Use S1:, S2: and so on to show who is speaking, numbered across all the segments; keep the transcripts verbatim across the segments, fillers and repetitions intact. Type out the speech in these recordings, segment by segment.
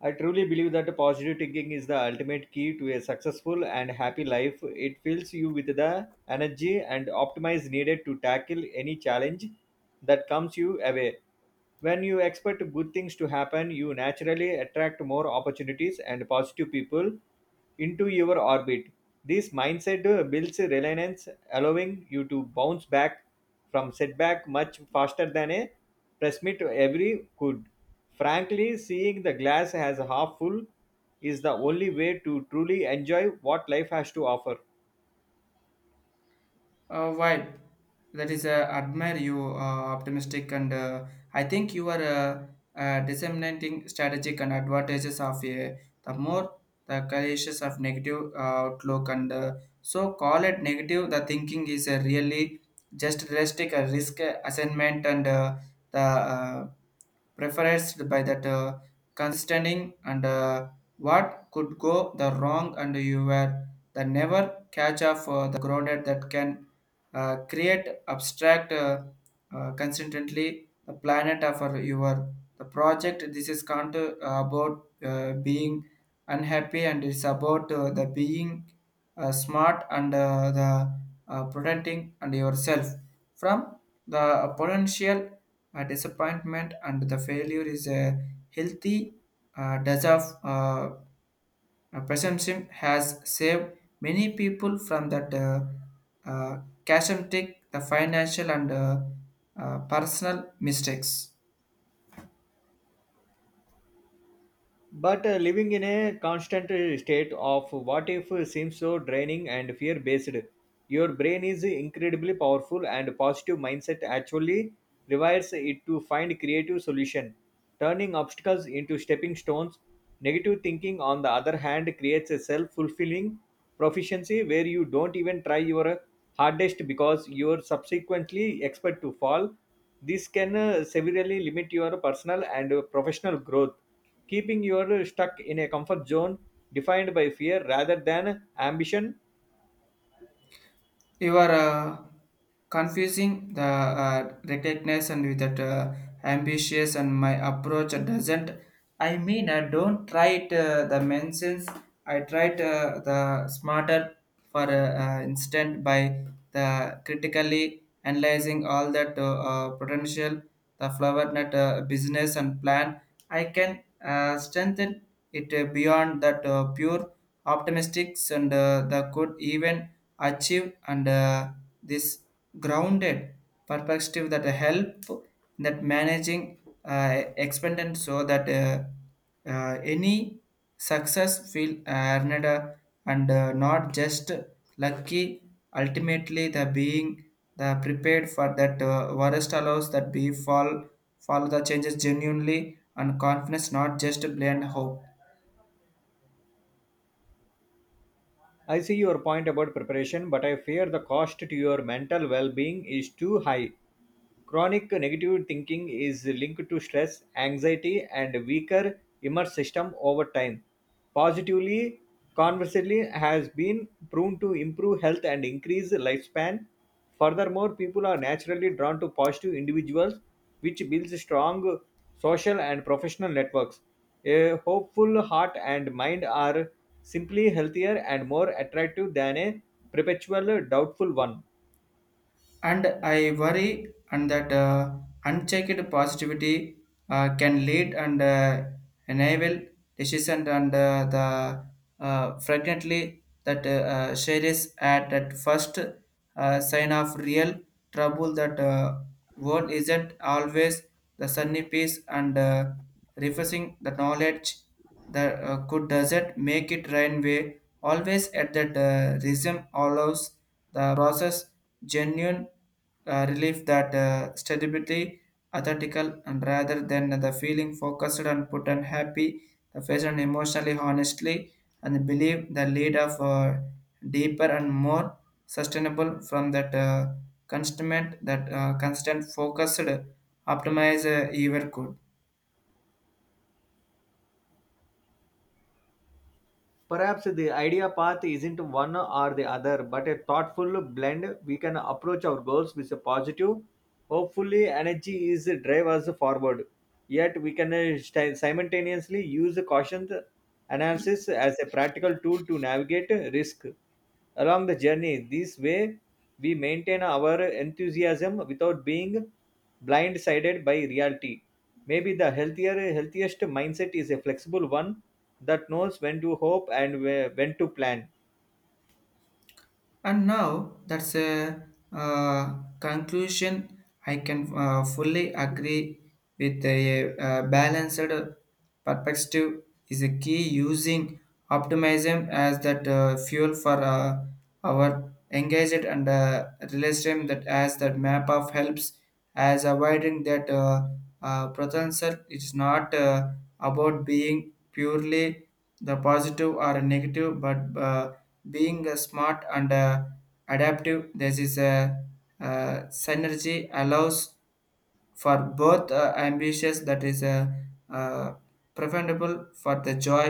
S1: I truly believe that positive thinking is the ultimate key to a successful and happy life. It fills you with the energy and optimism needed to tackle any challenge that comes you away. When you expect good things to happen, you naturally attract more opportunities and positive people into your orbit. This mindset uh, builds reliance, allowing you to bounce back from setback much faster than a press meet every could. Frankly, seeing the glass as half full is the only way to truly enjoy what life has to offer.
S2: Uh, why? That is, uh, admire you, uh, optimistic, and uh, I think you are uh, uh, disseminating strategic and advantages of uh, the more the conscious of negative uh, outlook and uh, so call it negative. The thinking is uh, really just realistic uh, risk assignment and uh, the uh, preference by that uh, considering and uh, what could go the wrong and you were the never catch up for the grounded that can uh, create abstract uh, uh, consistently the planet of our- your the project this is not uh, about uh, being unhappy and it's about uh, the being uh, smart and uh, the uh, protecting and yourself from the potential uh, disappointment and the failure is a healthy uh, does of uh, uh, pessimism has saved many people from that uh, uh, catastrophic, the financial and uh, uh, personal mistakes.
S1: But uh, living in a constant uh, state of what if seems so draining and fear based. Your brain is incredibly powerful, and positive mindset actually rewires it to find creative solution, turning obstacles into stepping stones. Negative thinking, on the other hand, creates a self-fulfilling proficiency where you don't even try your hardest because you're subsequently expect to fall. This can uh, severely limit your personal and uh, professional growth, keeping you stuck in a comfort zone defined by fear rather than ambition.
S2: You are uh, confusing the uh, recognition with that uh, ambitious and my approach doesn't. I mean, I don't try it, uh, the mentions. I tried uh, the smarter for uh, uh, instant by the critically analyzing all that uh, uh, potential the flower net uh, business and plan. I can uh, strengthen it uh, beyond that uh, pure optimistics and uh, the could even achieve and uh, this grounded perspective that help in that managing uh, expended so that uh, uh, any success feel earned uh, and uh, not just lucky ultimately the being the prepared for that uh, worst allows that be fall follow the changes genuinely and confidence not just blind hope
S1: I see your point about preparation, but I fear the cost to your mental well being is too high. Chronic negative thinking is linked to stress, anxiety, and weaker immune system over time. Positively, conversely, has been proven to improve health and increase lifespan. Furthermore, people are naturally drawn to positive individuals, which builds strong social and professional networks. A hopeful heart and mind are simply healthier and more attractive than a perpetual doubtful one.
S2: and I worry and that uh, unchecked positivity uh, can lead and uh, enable decision and uh, the uh, frequently that uh, uh, share is at that first uh, sign of real trouble that uh, world isn't always the sunny piece and uh, refreshing the knowledge that uh, could doesn't make it rain way always at that uh, rhythm allows the process genuine uh, relief that uh, stability, authentical, and rather than the feeling focused and put on happy, the patient emotionally honestly and believe the lead of uh, deeper and more sustainable from that uh, constant that uh, constant focused optimize uh, ever could.
S1: Perhaps the idea path isn't one or the other, but a thoughtful blend. We can approach our goals with a positive, hopefully, energy is drive us forward. Yet, we can uh, sti- simultaneously use caution analysis as a practical tool to navigate risk along the journey. This way, we maintain our enthusiasm without being blindsided by reality. Maybe the healthier, healthiest mindset is a flexible one that knows when to hope and whe- when to plan.
S2: And now that's a uh, conclusion. I can uh, fully agree with a, uh balanced perspective is a key using optimism as that uh, fuel for uh, our engaged and uh, realism that as that map of helps as avoiding that uh, uh, potential it's not uh, about being purely the positive or negative but uh, being uh, smart and uh, adaptive this is a uh, synergy allows for both uh, ambitious that is uh, uh, preferable for the joy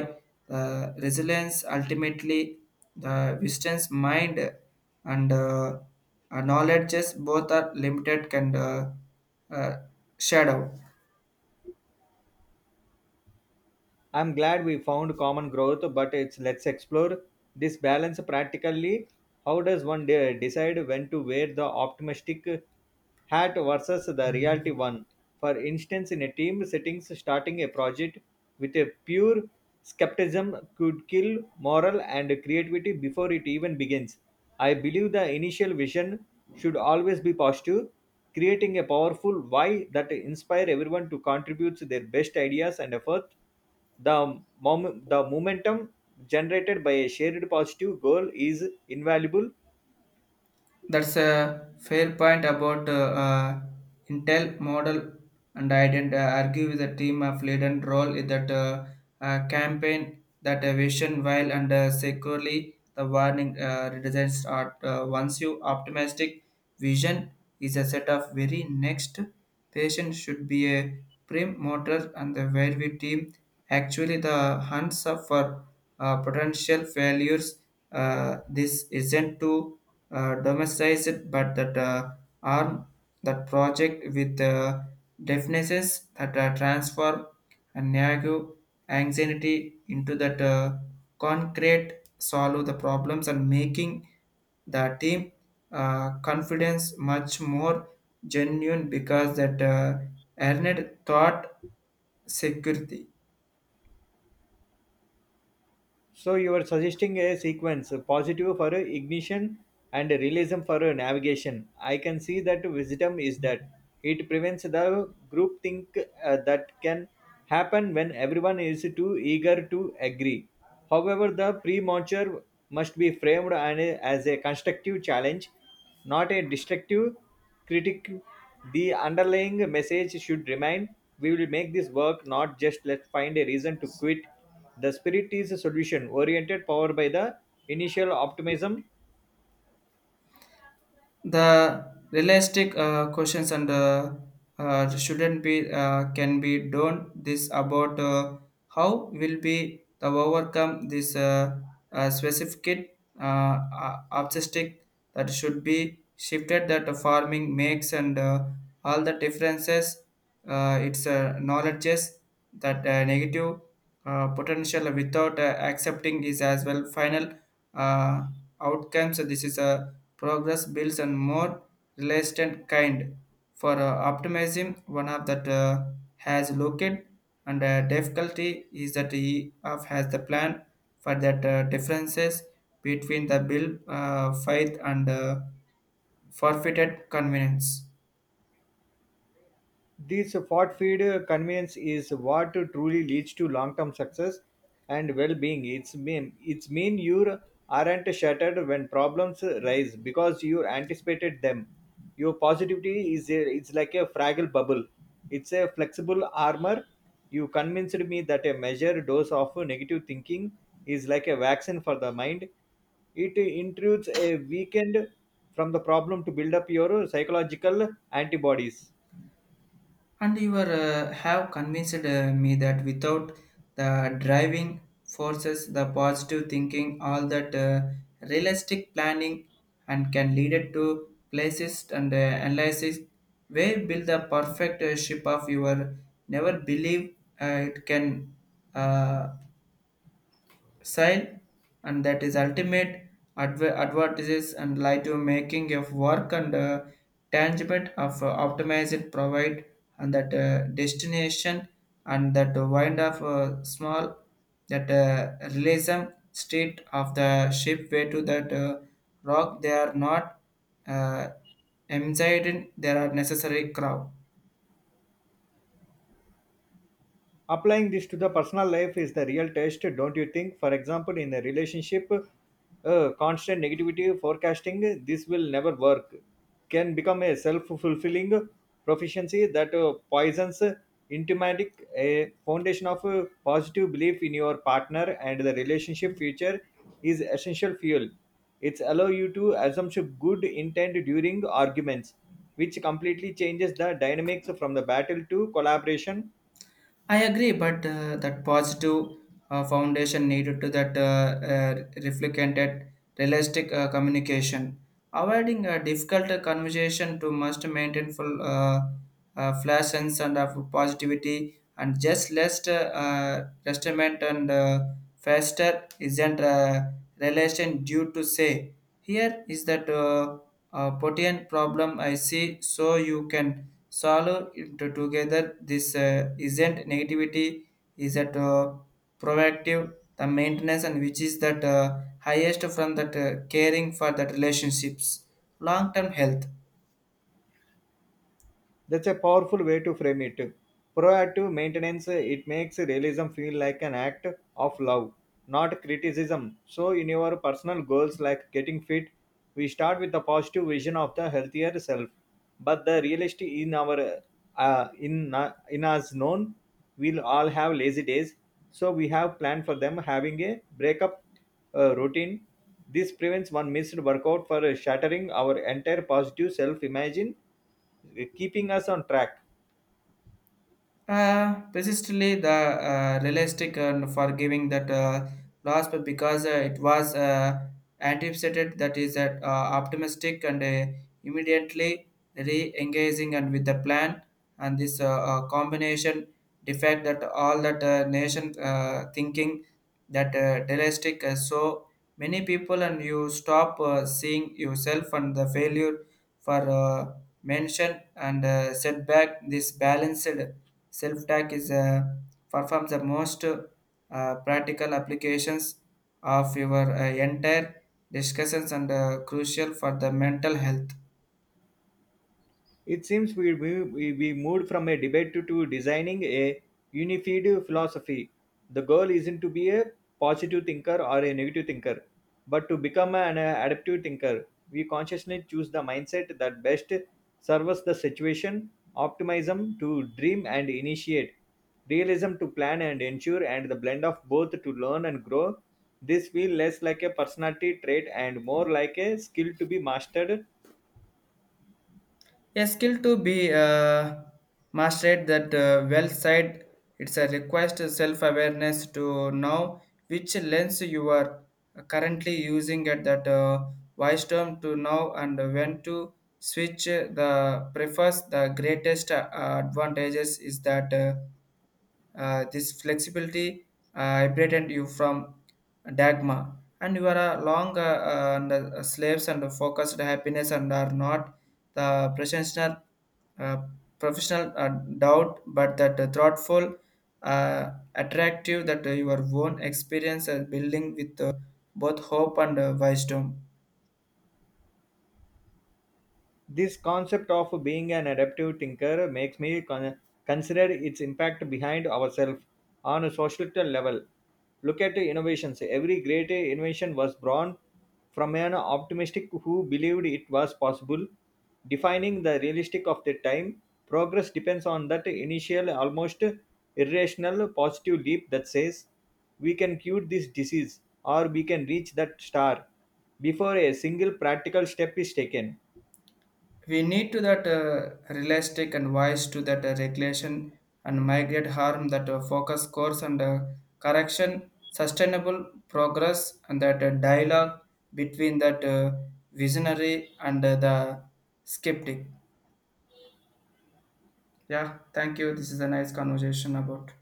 S2: uh, resilience ultimately the wisdom's mind and uh, uh, knowledges both are limited and uh, uh, shadow.
S1: I'm glad we found common growth, but it's let's explore this balance practically. How does one de- decide when to wear the optimistic hat versus the reality one? For instance, in a team settings, starting a project with a pure skepticism could kill morale and creativity before it even begins. I believe the initial vision should always be positive, creating a powerful why that inspire everyone to contribute their best ideas and effort. The, mom- the momentum generated by a shared positive goal is invaluable.
S2: That's a fair point about uh, uh, Intel model, and I didn't uh, argue with the team of Leiden role in that uh, uh, campaign that a vision while and uh, securely the warning uh, redesigns are uh, once you optimistic vision is a set of very next patient should be a prim motor and the where we team actually the hunts of for uh, potential failures uh, this isn't too uh, domesticized, but that uh, arm that project with uh, definitions that uh, transform and negative anxiety into that uh, concrete solve the problems and making the team uh, confidence much more genuine because that uh, earned thought security
S1: So, you are suggesting a sequence, a positive for a ignition and a realism for a navigation. I can see that wisdom is that it prevents the group think uh, that can happen when everyone is too eager to agree. However, the premature must be framed and a- as a constructive challenge, not a destructive critique. The underlying message should remain, we will make this work, not just let's find a reason to quit. The spirit is solution oriented, powered by the initial optimism.
S2: the realistic uh, questions and uh, uh, shouldn't be uh, can be done this about uh, how will be the overcome this uh, uh, specific uh, uh, obstacle that should be shifted that the farming makes and uh, all the differences uh, its uh, knowledges that uh, negative uh, potential without uh, accepting is as well final uh, outcomes so this is a Progress builds a more resilient kind. For uh, optimism, one of that uh, has looked and uh, difficulty is that he of has the plan for that uh, differences between the bill uh, faith and uh, forfeited convenience.
S1: This fortified convenience is what truly leads to long-term success and well-being. It's mean it's mean you aren't shattered when problems rise because you anticipated them. Your positivity is a, it's like a fragile bubble. It's a flexible armor. You convinced me that a measured dose of negative thinking is like a vaccine for the mind. It intrudes a weekend from the problem to build up your psychological antibodies.
S2: And you were, uh, have convinced uh, me that without the driving forces, the positive thinking, all that uh, realistic planning, and can lead it to places and uh, analysis where build the perfect uh, ship of your never believe uh, it can uh, sign and that is ultimate adver- advertises and lie to making of work and uh, tangible of uh, optimized provide and that uh, destination and that wind of uh, small that uh, realism state of the ship way to that uh, rock they are not uh, anxiety. There are necessary crowd.
S1: Applying this to the personal life is the real test, don't you think? For example, in a relationship, uh, constant negativity forecasting, this will never work, can become a self fulfilling proficiency that uh, poisons uh, intimatic, a foundation of uh, positive belief in your partner and the relationship future is essential fuel. It's allow you to assume good intent during arguments, which completely changes the dynamics from the battle to collaboration.
S2: I agree, but uh, that positive uh, foundation needed to that uh, uh, reflected realistic uh, communication. Avoiding a difficult uh, conversation to must maintain full uh, uh, flash sense and of positivity and just less uh, uh, testament and uh, faster isn't a relation due to say. Here is that uh, uh, potent problem I see, so you can solve it together this uh, isn't negativity is that uh, proactive the maintenance and which is that uh, highest from that uh, caring for that relationships long term health.
S1: That's a powerful way to frame it. Proactive maintenance, it makes realism feel like an act of love, not criticism. So, in your personal goals like getting fit, we start with the positive vision of the healthier self. But the reality in our uh, in uh, in us known, we'll all have lazy days. So we have planned for them having a breakup uh, routine. This prevents one missed workout for shattering our entire positive self-imagine, keeping us on track.
S2: Uh, persistently, the uh, realistic and forgiving that uh, loss, but because uh, it was uh, anticipated that is uh, uh, optimistic and uh, immediately re-engaging and with the plan and this uh, uh, combination defect that all that uh, nation uh, thinking that uh, realistic uh, so many people and you stop uh, seeing yourself and the failure for uh, mention and uh, setback this balanced Self-tag is uh, performs the most uh, practical applications of your uh, entire discussions and uh, crucial for the mental health.
S1: It seems we, we, we we moved from a debate to, to designing a unified philosophy. The goal isn't to be a positive thinker or a negative thinker, but to become an uh, adaptive thinker. We consciously choose the mindset that best serves the situation, optimism to dream and initiate, realism to plan and ensure, and the blend of both to learn and grow. This feels less like a personality trait and more like a skill to be mastered.
S2: A skill to be uh, mastered that uh, well side it's a request self-awareness to know which lens you are currently using at that uh, wise term to know and when to switch the prefers the greatest uh, advantages is that uh, Uh, this flexibility uh, liberated you from dogma, and you are a long uh, uh, and, uh, slaves and focused happiness and are not the professional uh, professional uh, doubt, but that uh, thoughtful, uh, attractive that uh, your own experience uh, building with uh, both hope and uh, wisdom.
S1: This concept of being an adaptive thinker makes me con- consider its impact behind ourselves on a societal level. Look at innovations. Every great invention was born from an optimistic who believed it was possible, defining the realistic of the time. Progress depends on that initial, almost irrational, positive leap that says, we can cure this disease or we can reach that star before a single practical step is taken.
S2: We need to that uh, realistic and wise to that uh, regulation and migrate harm that uh, focus course and uh, correction, sustainable progress and that uh, dialogue between that uh, visionary and uh, the skeptic. Yeah, thank you. This is a nice conversation about.